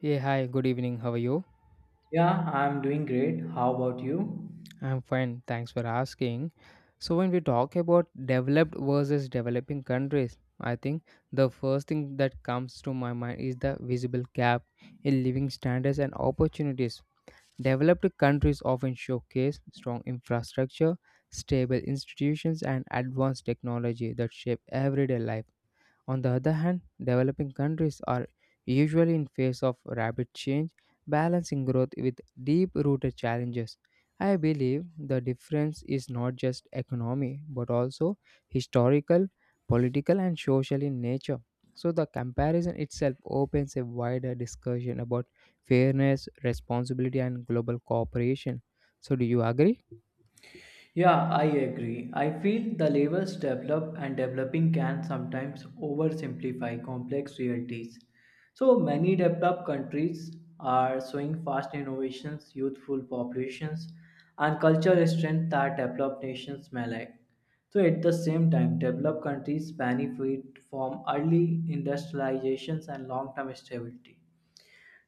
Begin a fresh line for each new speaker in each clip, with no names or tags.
Yeah hi, good evening. How are you?
Yeah, I'm doing great. How about you?
I'm fine. Thanks for asking. So, when we talk about developed versus developing countries, I think the first thing that comes to my mind is the visible gap in living standards and opportunities. Developed countries often showcase strong infrastructure, stable institutions, and advanced technology that shape everyday life. On the other hand, developing countries are usually in face of rapid change, balancing growth with deep-rooted challenges. I believe the difference is not just economy but also historical, political and social in nature. So the comparison itself opens a wider discussion about fairness, responsibility and global cooperation. So do you agree?
Yeah, I agree. I feel the levels develop and developing can sometimes oversimplify complex realities. So many developed countries are showing fast innovations, youthful populations, and cultural strength that developed nations may lack. So at the same time, developed countries benefit from early industrializations and long-term stability.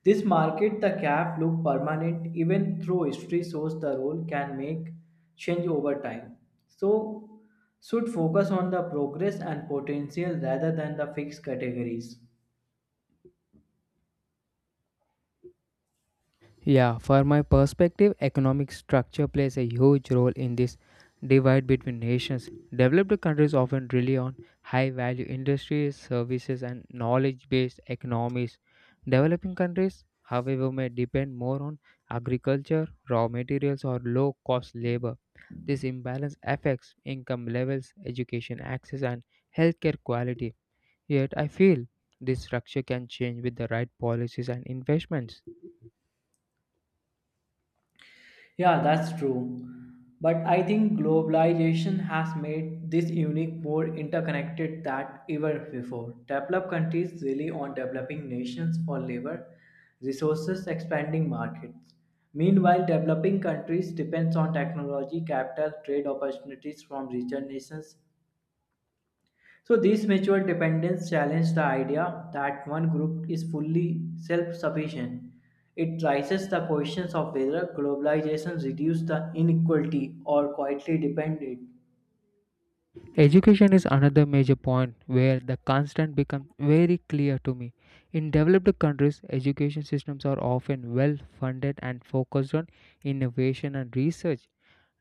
This market the cap look permanent even though history shows the role can make change over time. So should focus on the progress and potential rather than the fixed categories.
Yeah, for my perspective, economic structure plays a huge role in this divide between nations. Developed countries often rely on high value industries, services, and knowledge based economies. Developing countries, however, may depend more on agriculture, raw materials, or low cost labor. This imbalance affects income levels, education access, and healthcare quality. Yet, I feel this structure can change with the right policies and investments.
Yeah, that's true. But I think globalization has made this unique more interconnected than ever before. Developed countries rely on developing nations for labor, resources, expanding markets. Meanwhile, developing countries depend on technology, capital, trade opportunities from richer nations, so these mutual dependence challenge the idea that one group is fully self sufficient. It raises the questions of whether globalization reduces the inequality or quietly depend it.
Education is another major point where the constant becomes very clear to me. In developed countries, education systems are often well funded and focused on innovation and research.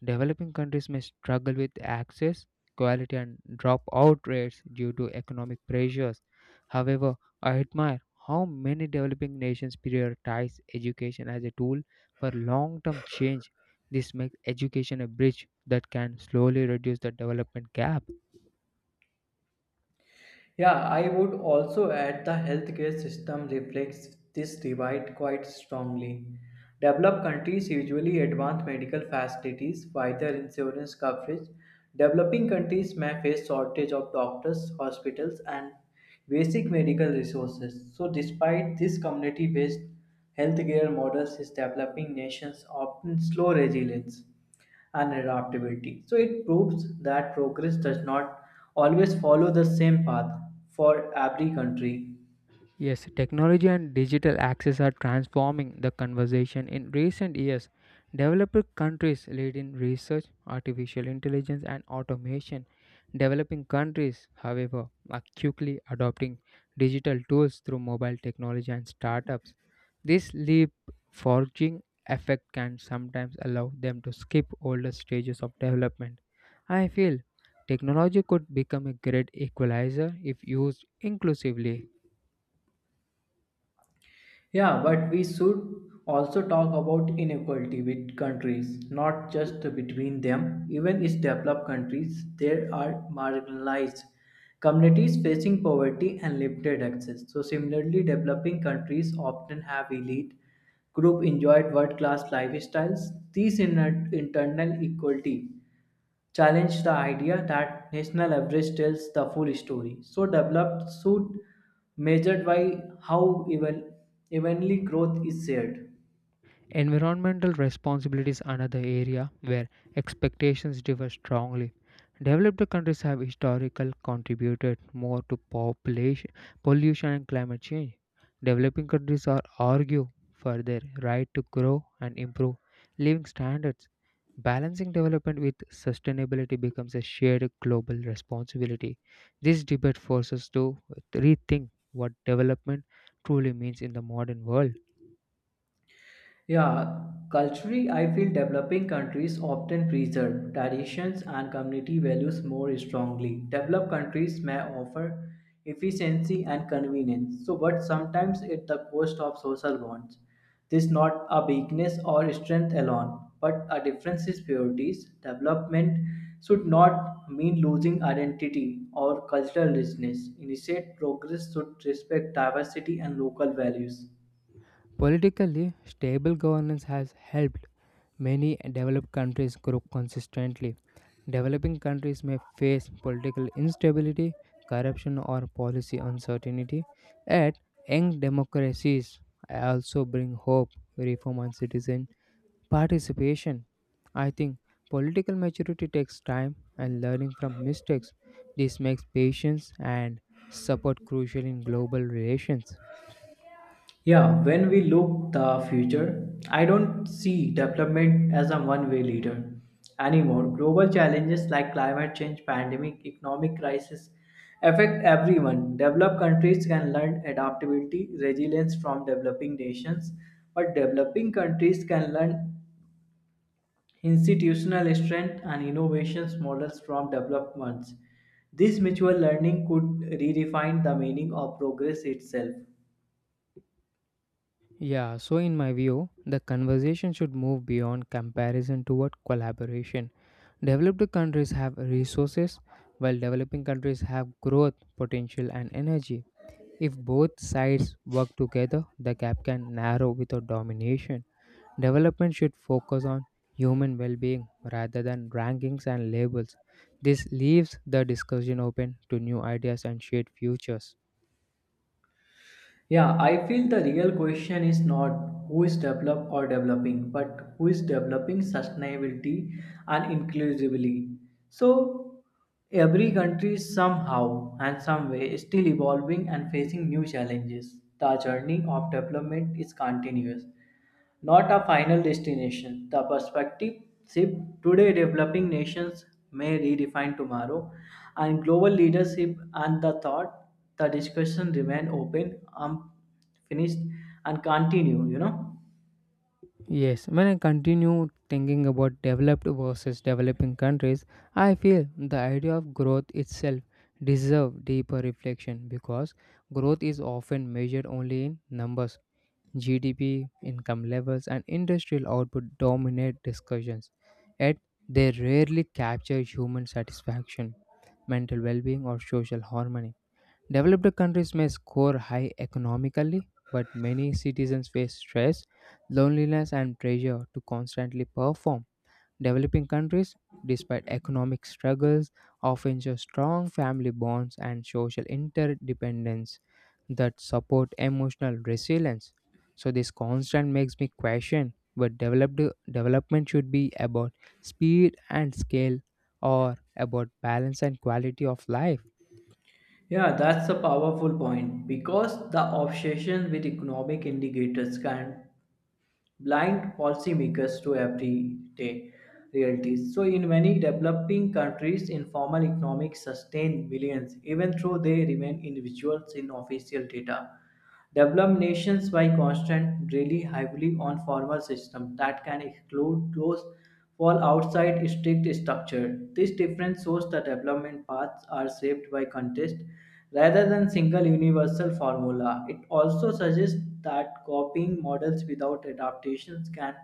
Developing countries may struggle with access, quality, and dropout rates due to economic pressures. However, I admire how many developing nations prioritize education as a tool for long term change. This makes education a bridge that can slowly reduce the development gap.
Yeah, I would also add the healthcare system reflects this divide quite strongly. Developed countries usually advance medical facilities, wider insurance coverage. Developing countries may face shortage of doctors, hospitals, and basic medical resources. So, despite this community-based healthcare models, is developing nations often slow resilience and adaptability. So it proves that progress does not always follow the same path for every country.
Yes, technology and digital access are transforming the conversation in recent years. Developed countries lead in research, artificial intelligence, and automation. Developing countries, however, are quickly adopting digital tools through mobile technology and startups. This leapfrogging effect can sometimes allow them to skip older stages of development. I feel technology could become a great equalizer if used inclusively.
Yeah, but we should also talk about inequality with countries, not just between them. Even in developed countries, there are marginalized communities facing poverty and limited access. So similarly, developing countries often have elite group enjoyed world-class lifestyles. These internal equality challenged the idea that national average tells the full story. So developed should measured by how even evenly growth is shared.
Environmental responsibility is another area where expectations differ strongly. Developed countries have historically contributed more to population pollution and climate change. Developing countries are argue for their right to grow and improve living standards. Balancing development with sustainability becomes a shared global responsibility. This debate forces us to rethink what development truly means in the modern world.
Yeah, culturally, I feel developing countries often preserve traditions and community values more strongly. Developed countries may offer efficiency and convenience, so but sometimes at the cost of social bonds. This is not a weakness or strength alone, but a difference is priorities. Development should not mean losing identity or cultural richness. Initiate progress should respect diversity and local values.
Politically, stable governance has helped many developed countries grow consistently. Developing countries may face political instability, corruption, or policy uncertainty, yet young democracies also bring hope, reform, and citizen participation. I think political maturity takes time and learning from mistakes. This makes patience and support crucial in global relations.
Yeah, when we look the future, I don't see development as a one-way leader anymore. Global challenges like climate change, pandemic, economic crisis affect everyone. Developed countries can learn adaptability, resilience from developing nations, but developing countries can learn institutional strength and innovations models from developed ones. This mutual learning could redefine the meaning of progress itself.
Yeah, so in my view, the conversation should move beyond comparison toward collaboration. Developed countries have resources, while developing countries have growth, potential, and energy. If both sides work together, the gap can narrow without domination. Development should focus on human well being rather than rankings and labels. This leaves the discussion open to new ideas and shared futures.
Yeah, I feel the real question is not who is developed or developing, but who is developing sustainability and inclusively. So every country is somehow and some way still evolving and facing new challenges. The journey of development is continuous not a final destination. The perspective ship today developing nations may redefine tomorrow, and global leadership and the discussion remain open, unfinished, and continue, you know.
Yes, when I continue thinking about developed versus developing countries, I feel the idea of growth itself deserves deeper reflection because growth is often measured only in numbers. GDP, income levels, and industrial output dominate discussions, yet they rarely capture human satisfaction, mental well being, or social harmony. Developed countries may score high economically, but many citizens face stress, loneliness, and pressure to constantly perform. Developing countries, despite economic struggles, often show strong family bonds and social interdependence that support emotional resilience. So, this constant makes me question but developed development should be about speed and scale or about balance and quality of life.
Yeah, that's a powerful point because the obsession with economic indicators can blind policymakers to everyday realities. So, in many developing countries, informal economics sustain millions, even though they remain individuals in official data. Developed nations, by constant, really heavily on formal systems that can exclude those fall outside strict structure. This difference shows that development paths are shaped by context rather than single universal formula. It also suggests that copying models without adaptations can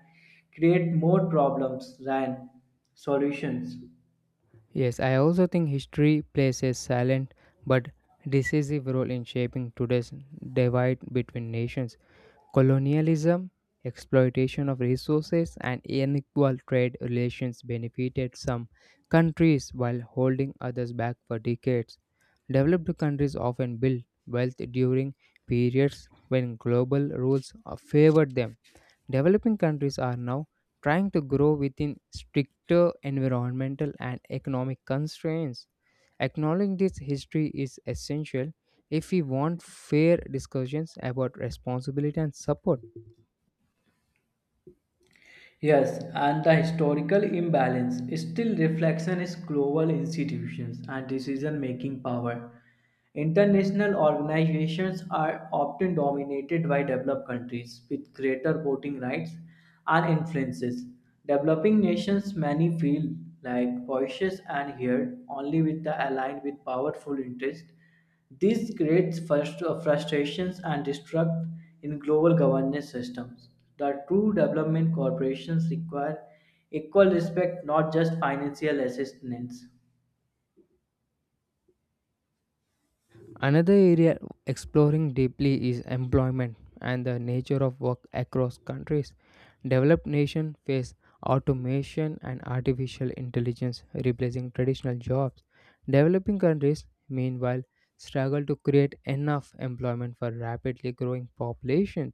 create more problems than solutions.
Yes, I also think history plays a silent but decisive role in shaping today's divide between nations. Colonialism, exploitation of resources, and unequal trade relations benefited some countries while holding others back for decades. Developed countries often built wealth during periods when global rules favored them. Developing countries are now trying to grow within stricter environmental and economic constraints. Acknowledging this history is essential if we want fair discussions about responsibility and support.
Yes, and the historical imbalance still reflection is global institutions and decision-making power. International organizations are often dominated by developed countries with greater voting rights and influences. Developing nations many feel like voices and heard only with the aligned with powerful interests, this creates frustrations and distrust in global governance systems. The true development corporations require equal respect, not just financial assistance.
Another area exploring deeply is employment and the nature of work across countries. Developed nations face automation and artificial intelligence replacing traditional jobs. Developing countries, meanwhile, struggle to create enough employment for rapidly growing populations.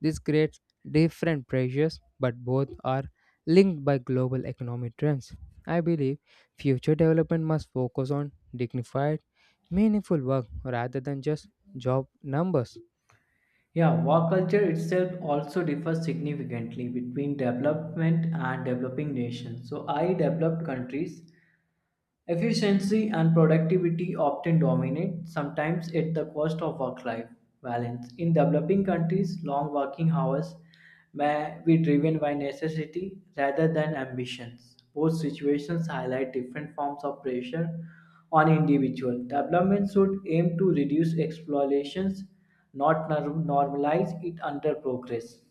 This creates different pressures, but both are linked by global economic trends. I believe future development must focus on dignified meaningful work rather than just job numbers.
Yeah, work culture itself also differs significantly between development and developing nations. So, I developed countries, efficiency and productivity often dominate, sometimes at the cost of work life balance. In developing countries, long working hours may be driven by necessity rather than ambitions. Both situations highlight different forms of pressure on individual. Development should aim to reduce exploitations, not nor- normalize it under progress.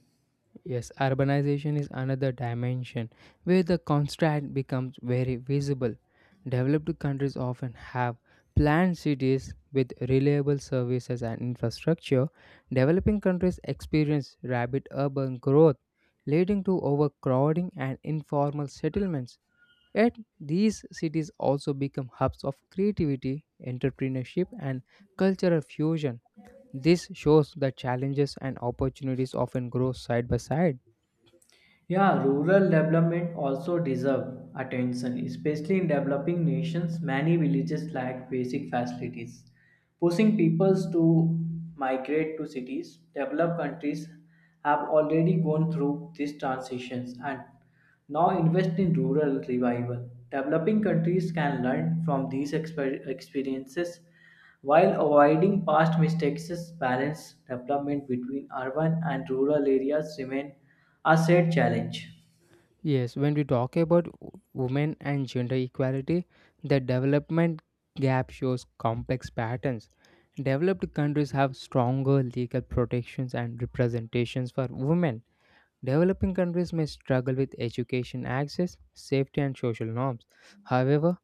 Yes, urbanization is another dimension where the contrast becomes very visible. Developed countries often have planned cities with reliable services and infrastructure. Developing countries experience rapid urban growth, leading to overcrowding and informal settlements. Yet, these cities also become hubs of creativity, entrepreneurship, and cultural fusion. This shows that challenges and opportunities often grow side by side.
Yeah, rural development also deserve attention, especially in developing nations. Many villages lack basic facilities pushing peoples to migrate to cities. Developed countries have already gone through these transitions and now invest in rural revival. Developing countries can learn from these experiences while avoiding past mistakes. Balance development between urban and rural areas remain a shared challenge.
Yes, when we talk about women and gender equality, the development gap shows complex patterns. Developed countries have stronger legal protections and representations for women. Developing countries may struggle with education access, safety, and social norms. However,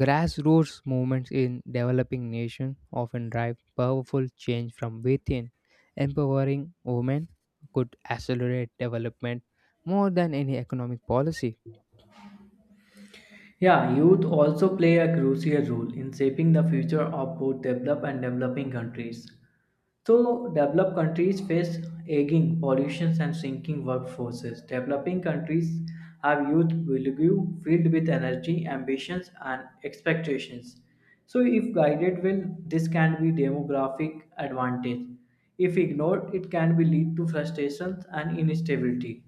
grassroots movements in developing nations often drive powerful change from within. Empowering women could accelerate development more than any economic policy.
Yeah, youth also play a crucial role in shaping the future of both developed and developing countries. So, developed countries face aging pollution and shrinking workforces. Developing countries have youth milieu filled with energy, ambitions, and expectations. So, if guided well, this can be demographic advantage. If ignored, it can be lead to frustrations and instability.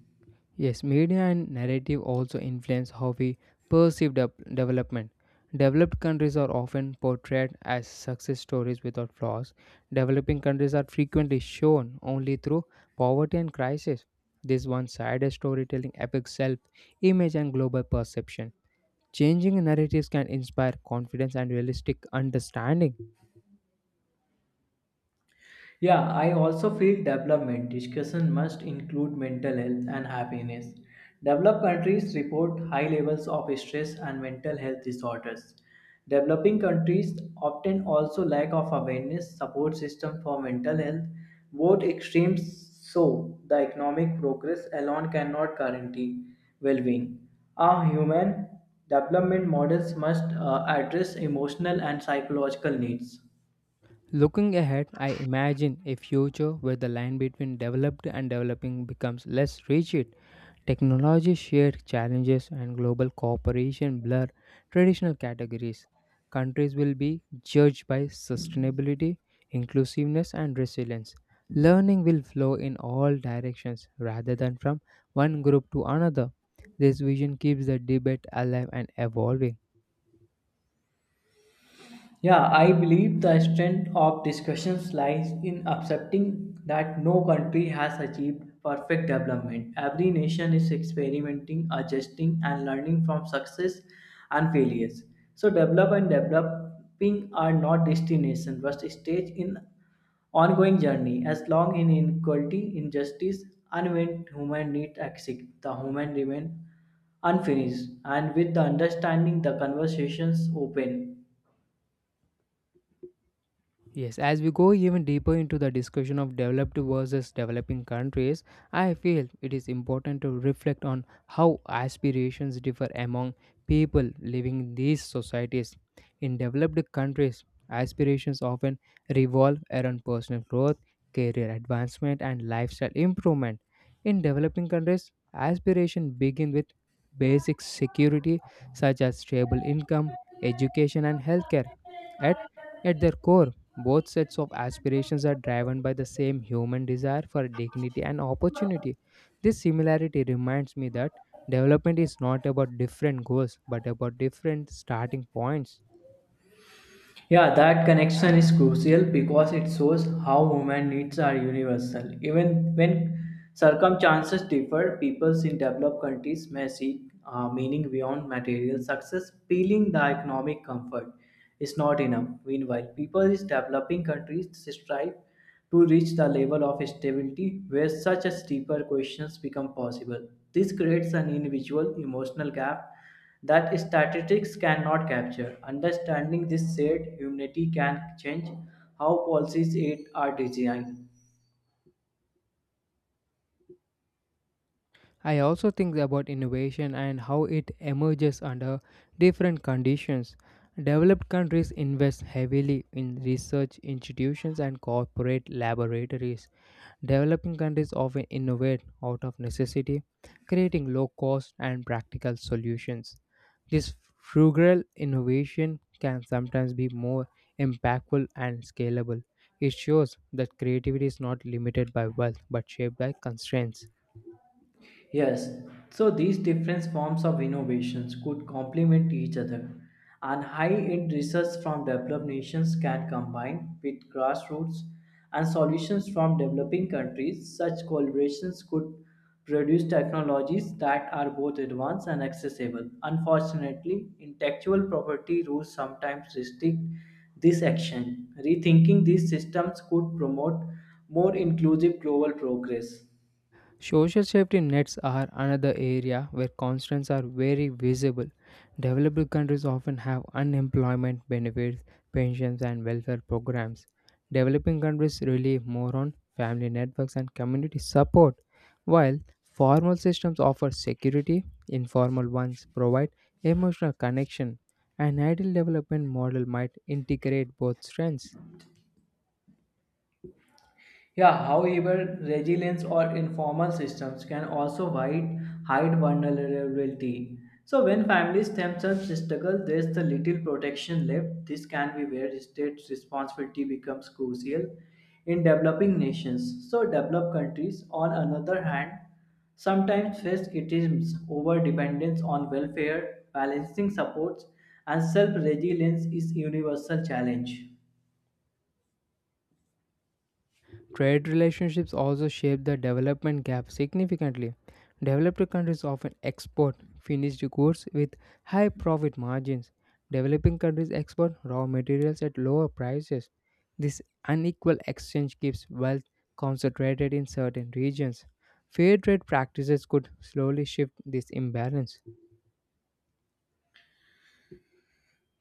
Yes, media and narrative also influence how we perceive development. Developed countries are often portrayed as success stories without flaws. Developing countries are frequently shown only through poverty and crisis. This one sided storytelling affects self image and global perception. Changing narratives can inspire confidence and realistic understanding.
Yeah, I also feel development discussion must include mental health and happiness. Developed countries report high levels of stress and mental health disorders. Developing countries often also lack of awareness support system for mental health. Both extremes show the economic progress alone cannot guarantee well-being. Our human development models must address emotional and psychological needs.
Looking ahead, I imagine a future where the line between developed and developing becomes less rigid. Technology shared challenges and global cooperation blur traditional categories. Countries will be judged by sustainability, inclusiveness, and resilience. Learning will flow in all directions rather than from one group to another. This vision keeps the debate alive and evolving.
Yeah, I believe the strength of discussions lies in accepting that no country has achieved perfect development. Every nation is experimenting, adjusting, and learning from success and failures. So, develop and developing are not destinations, but stage in ongoing journey. As long in inequality, injustice, and when human needs exist, the human remain unfinished. And with the understanding, the conversations open.
Yes, as we go even deeper into the discussion of developed versus developing countries, I feel it is important to reflect on how aspirations differ among people living in these societies. In developed countries, aspirations often revolve around personal growth, career advancement, and lifestyle improvement. In developing countries, aspirations begin with basic security such as stable income, education, and healthcare at, at their core, both sets of aspirations are driven by the same human desire for dignity and opportunity. This similarity reminds me that development is not about different goals but about different starting points.
Yeah, that connection is crucial because it shows how human needs are universal. Even when circumstances differ, peoples in developed countries may seek meaning beyond material success, feeling the economic comfort is not enough. Meanwhile, people in developing countries strive to reach the level of stability where such as deeper questions become possible. This creates an individual emotional gap that statistics cannot capture. Understanding this shared humanity can change how policies aid are designed.
I also think about innovation and how it emerges under different conditions. Developed countries invest heavily in research institutions and corporate laboratories. Developing countries often innovate out of necessity, creating low cost and practical solutions. This frugal innovation can sometimes be more impactful and scalable. It shows that creativity is not limited by wealth but shaped by constraints.
Yes, so these different forms of innovations could complement each other, and high end research from developed nations can combine with grassroots and solutions from developing countries. Such collaborations could produce technologies that are both advanced and accessible. Unfortunately, intellectual property rules sometimes restrict this action. Rethinking these systems could promote more inclusive global progress.
Social safety nets are another area where constraints are very visible. Developed countries often have unemployment benefits, pensions, and welfare programs. Developing countries rely more on family networks and community support, while formal systems offer security, informal ones provide emotional connection. An ideal development model might integrate both strengths.
Yeah, however, resilience or informal systems can also hide vulnerability. So, when families themselves struggle, there's the little protection left. This can be where state responsibility becomes crucial in developing nations. So, developed countries, on another hand, sometimes face criticisms over dependence on welfare, balancing supports, and self resilience is universal challenge.
Trade relationships also shape the development gap significantly. Developed countries often export finished goods with high profit margins. Developing countries export raw materials at lower prices. This unequal exchange keeps wealth concentrated in certain regions. Fair trade practices could slowly shift this imbalance.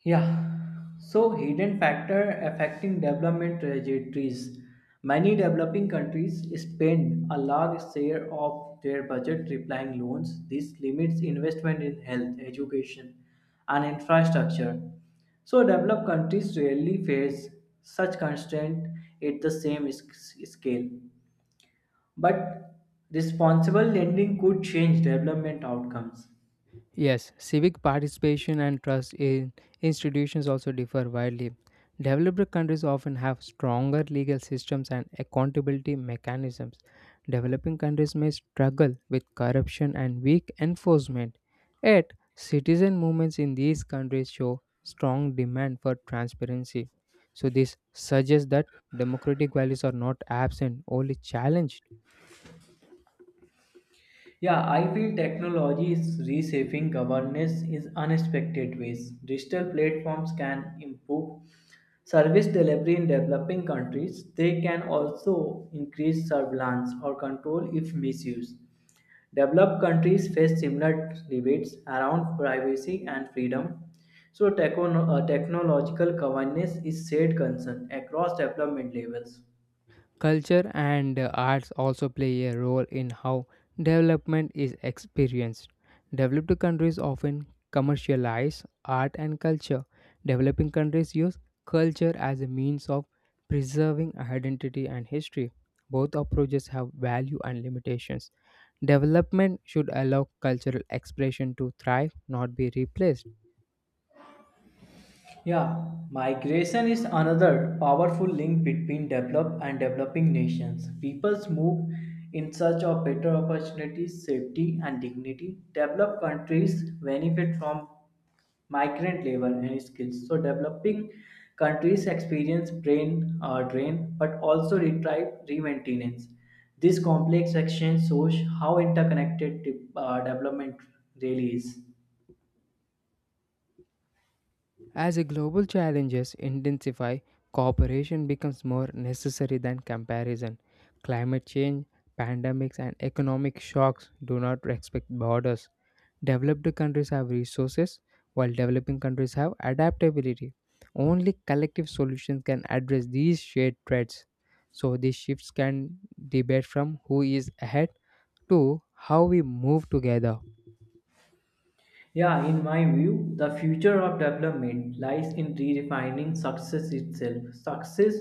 Yeah, so hidden factor affecting development trajectories. Many developing countries spend a large share of their budget repaying loans. This limits investment in health, education, and infrastructure. So developed countries rarely face such constraint at scale. But responsible lending could change development outcomes.
Yes, civic participation and trust in institutions also differ widely. Developed countries often have stronger legal systems and accountability mechanisms. Developing countries may struggle with corruption and weak enforcement. Yet, citizen movements in these countries show strong demand for transparency. So, this suggests that democratic values are not absent, only challenged.
Yeah, I feel technology is reshaping governance in unexpected ways. Digital platforms can improve service delivery in developing countries. They can also increase surveillance or control if misused. Developed countries face similar debates around privacy and freedom. So, technological governance is shared concern across development levels.
Culture and arts also play a role in how development is experienced. Developed countries often commercialize art and culture. Developing countries use culture as a means of preserving identity and history. Both approaches have value and limitations. Development should allow cultural expression to thrive, not be replaced.
Yeah, migration is another powerful link between developed and developing nations. Peoples move in search of better opportunities, safety, and dignity. Developed countries benefit from migrant labor and skills. So, developing countries experience brain drain but also retrieve re-maintenance. This complex exchange shows how interconnected development really is.
As the global challenges intensify, cooperation becomes more necessary than comparison. Climate change, pandemics, and economic shocks do not respect borders. Developed countries have resources, while developing countries have adaptability. Only collective solutions can address these shared threats. So, these shifts can debate from who is ahead to how we move together.
Yeah, in my view, the future of development lies in redefining success itself. Success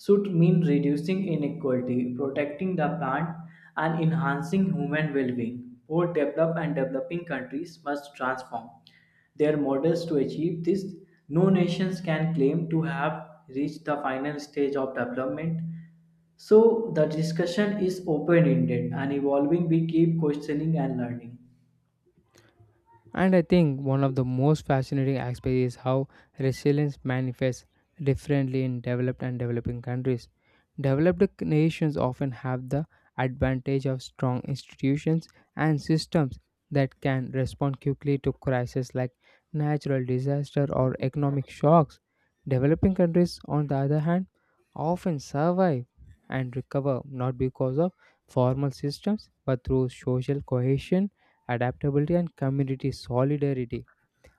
should mean reducing inequality, protecting the plant, and enhancing human well being. Both developed and developing countries must transform their models to achieve this. No nations can claim to have reached the final stage of development. So, the discussion is open ended and evolving. We keep questioning and learning.
And I think one of the most fascinating aspects is how resilience manifests differently in developed and developing countries. Developed nations often have the advantage of strong institutions and systems that can respond quickly to crises like natural disaster or economic shocks. Developing countries, on the other hand, often survive and recover not because of formal systems but through social cohesion, adaptability, and community solidarity.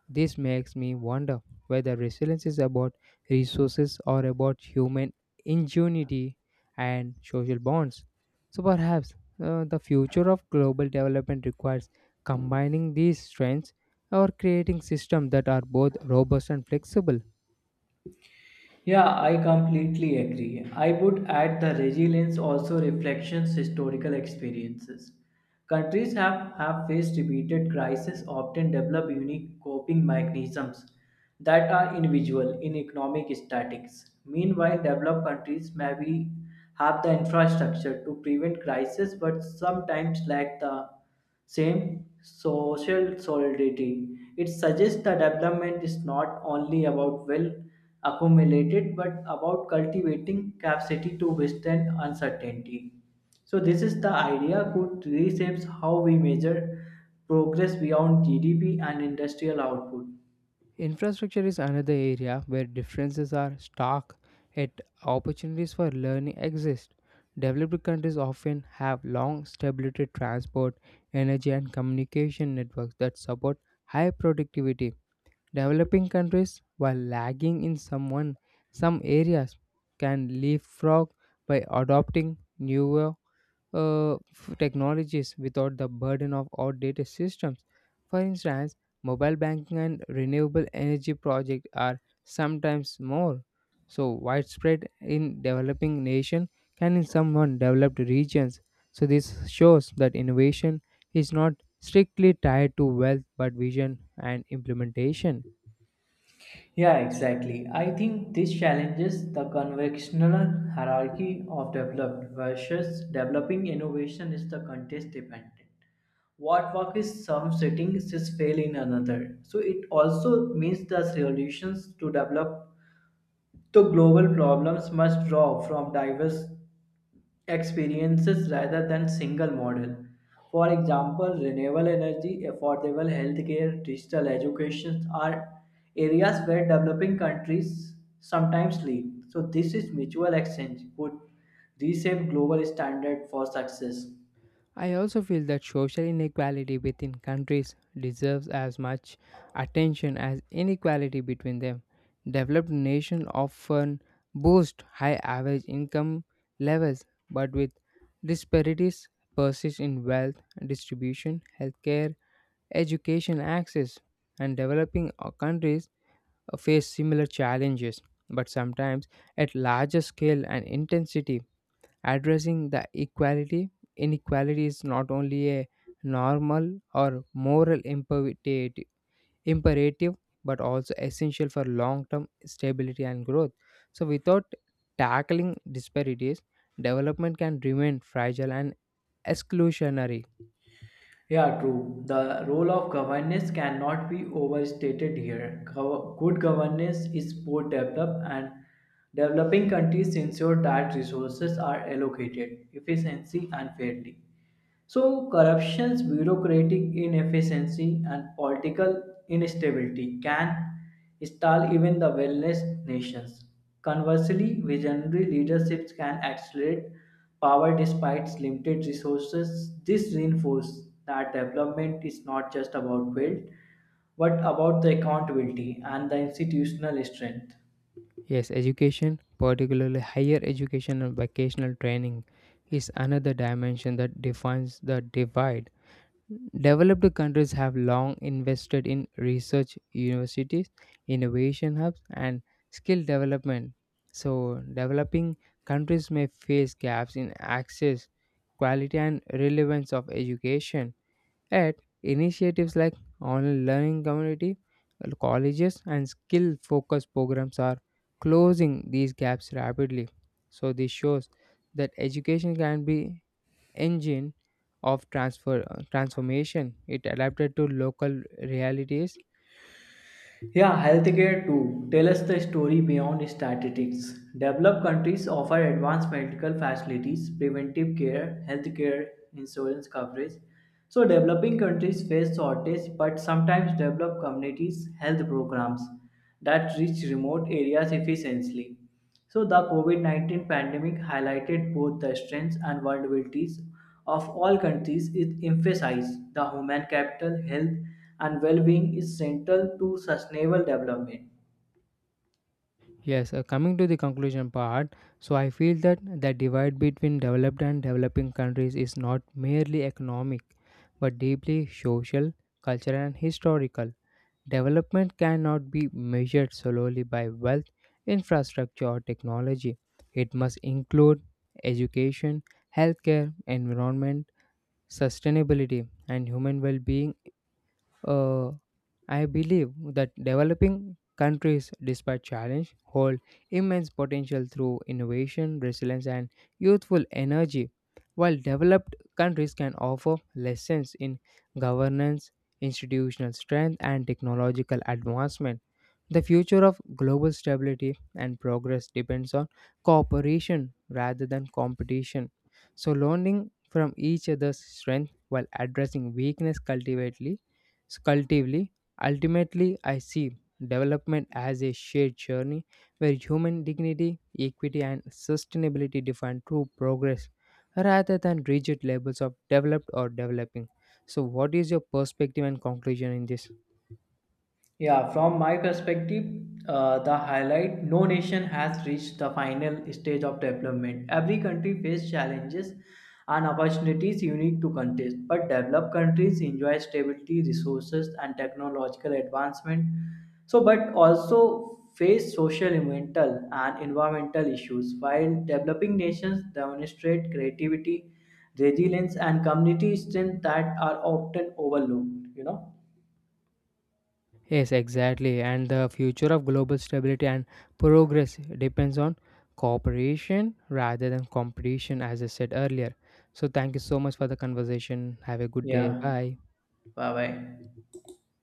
This makes me wonder whether resilience is about resources or about human ingenuity and social bonds. So perhaps the future of global development requires combining these strengths or creating systems that are both robust and flexible.
Yeah, I completely agree. I would add the resilience also reflections historical experiences. Countries have faced repeated crises, often develop unique coping mechanisms that are individual in economic statics. Meanwhile, developed countries may be have the infrastructure to prevent crisis but sometimes lack the same social solidarity. It suggests that development is not only about wealth accumulated but about cultivating capacity to withstand uncertainty. So this is the idea could reshapes how we measure progress beyond GDP and industrial output.
Infrastructure is another area where differences are stark, yet opportunities for learning exist. Developed countries often have long stability transport, energy, and communication networks that support high productivity. Developing countries, while lagging in some areas, can leapfrog by adopting newer technologies without the burden of outdated systems. For instance, mobile banking and renewable energy projects are sometimes more so widespread in developing nations can in some developed regions. So this shows that innovation is not strictly tied to wealth but vision and implementation.
Yeah, exactly. I think this challenges the conventional hierarchy of developed versus developing innovation is the context dependent. What works in some settings is fail in another. So it also means the solutions to global problems must draw from diverse experiences rather than single model. For example, renewable energy, affordable healthcare, digital education are areas where developing countries sometimes lead. So this is mutual exchange could reshape global standard for success.
I also feel that social inequality within countries deserves as much attention as inequality between them. Developed nations often boast high average income levels, but with disparities persist in wealth distribution, healthcare, education access, and developing countries face similar challenges, but sometimes at larger scale and intensity addressing the equality inequality is not only a normal or moral imperative imperative but also essential for long term stability and growth. So without tackling disparities, development can remain fragile and exclusionary.
Yeah, true. The role of governance cannot be overstated here. Good governance is both developed and developing countries ensure that resources are allocated efficiently and fairly. So, corruptions, bureaucratic inefficiency, and political instability can stall even the wellness nations. Conversely, visionary leaderships can accelerate power despite limited resources. This reinforces that development is not just about wealth, but about the accountability and the institutional strength.
Yes, education, particularly higher education and vocational training, is another dimension that defines the divide. Developed countries have long invested in research universities, innovation hubs, and skill development. So, developing countries may face gaps in access, quality, and relevance of education. Yet, initiatives like online learning community, colleges, and skill focused programs are closing these gaps rapidly. So, this shows that education can be engine of transfer transformation. It adapted to local realities.
Yeah, healthcare too. Tell us the story beyond statistics. Developed countries offer advanced medical facilities, preventive care, healthcare, insurance coverage. So, developing countries face shortage, but sometimes develop communities health programs that reach remote areas efficiently. So, the COVID -19 pandemic highlighted both the strengths and vulnerabilities of all countries. It emphasized the human capital, health, and well being is central to sustainable development.
Yes, coming to the conclusion part, so I feel that the divide between developed and developing countries is not merely economic, but deeply social, cultural, and historical. Development cannot be measured solely by wealth, infrastructure, or technology. It must include education, healthcare, environment, sustainability, and human well being. Uh, I believe that developing countries, despite challenge, hold immense potential through innovation, resilience, and youthful energy, while developed countries can offer lessons in governance, institutional strength, and technological advancement. The future of global stability and progress depends on cooperation rather than competition. So, learning from each other's strength while addressing weakness cultively, ultimately, I see development as a shared journey where human dignity, equity, and sustainability define true progress rather than rigid labels of developed or developing. So, what is your perspective and conclusion in this?
Yeah, from my perspective, the highlight no nation has reached the final stage of development. Every country faces challenges and opportunities unique to countries, but developed countries enjoy stability, resources, and technological advancement. So, but also face social, environmental, and environmental issues, while developing nations demonstrate creativity, resilience, and community strength that are often overlooked. You know?
Yes, exactly. And the future of global stability and progress depends on cooperation rather than competition, as I said earlier. So, thank you so much for the conversation. Have a good day.
Yeah.
Bye.
Bye bye.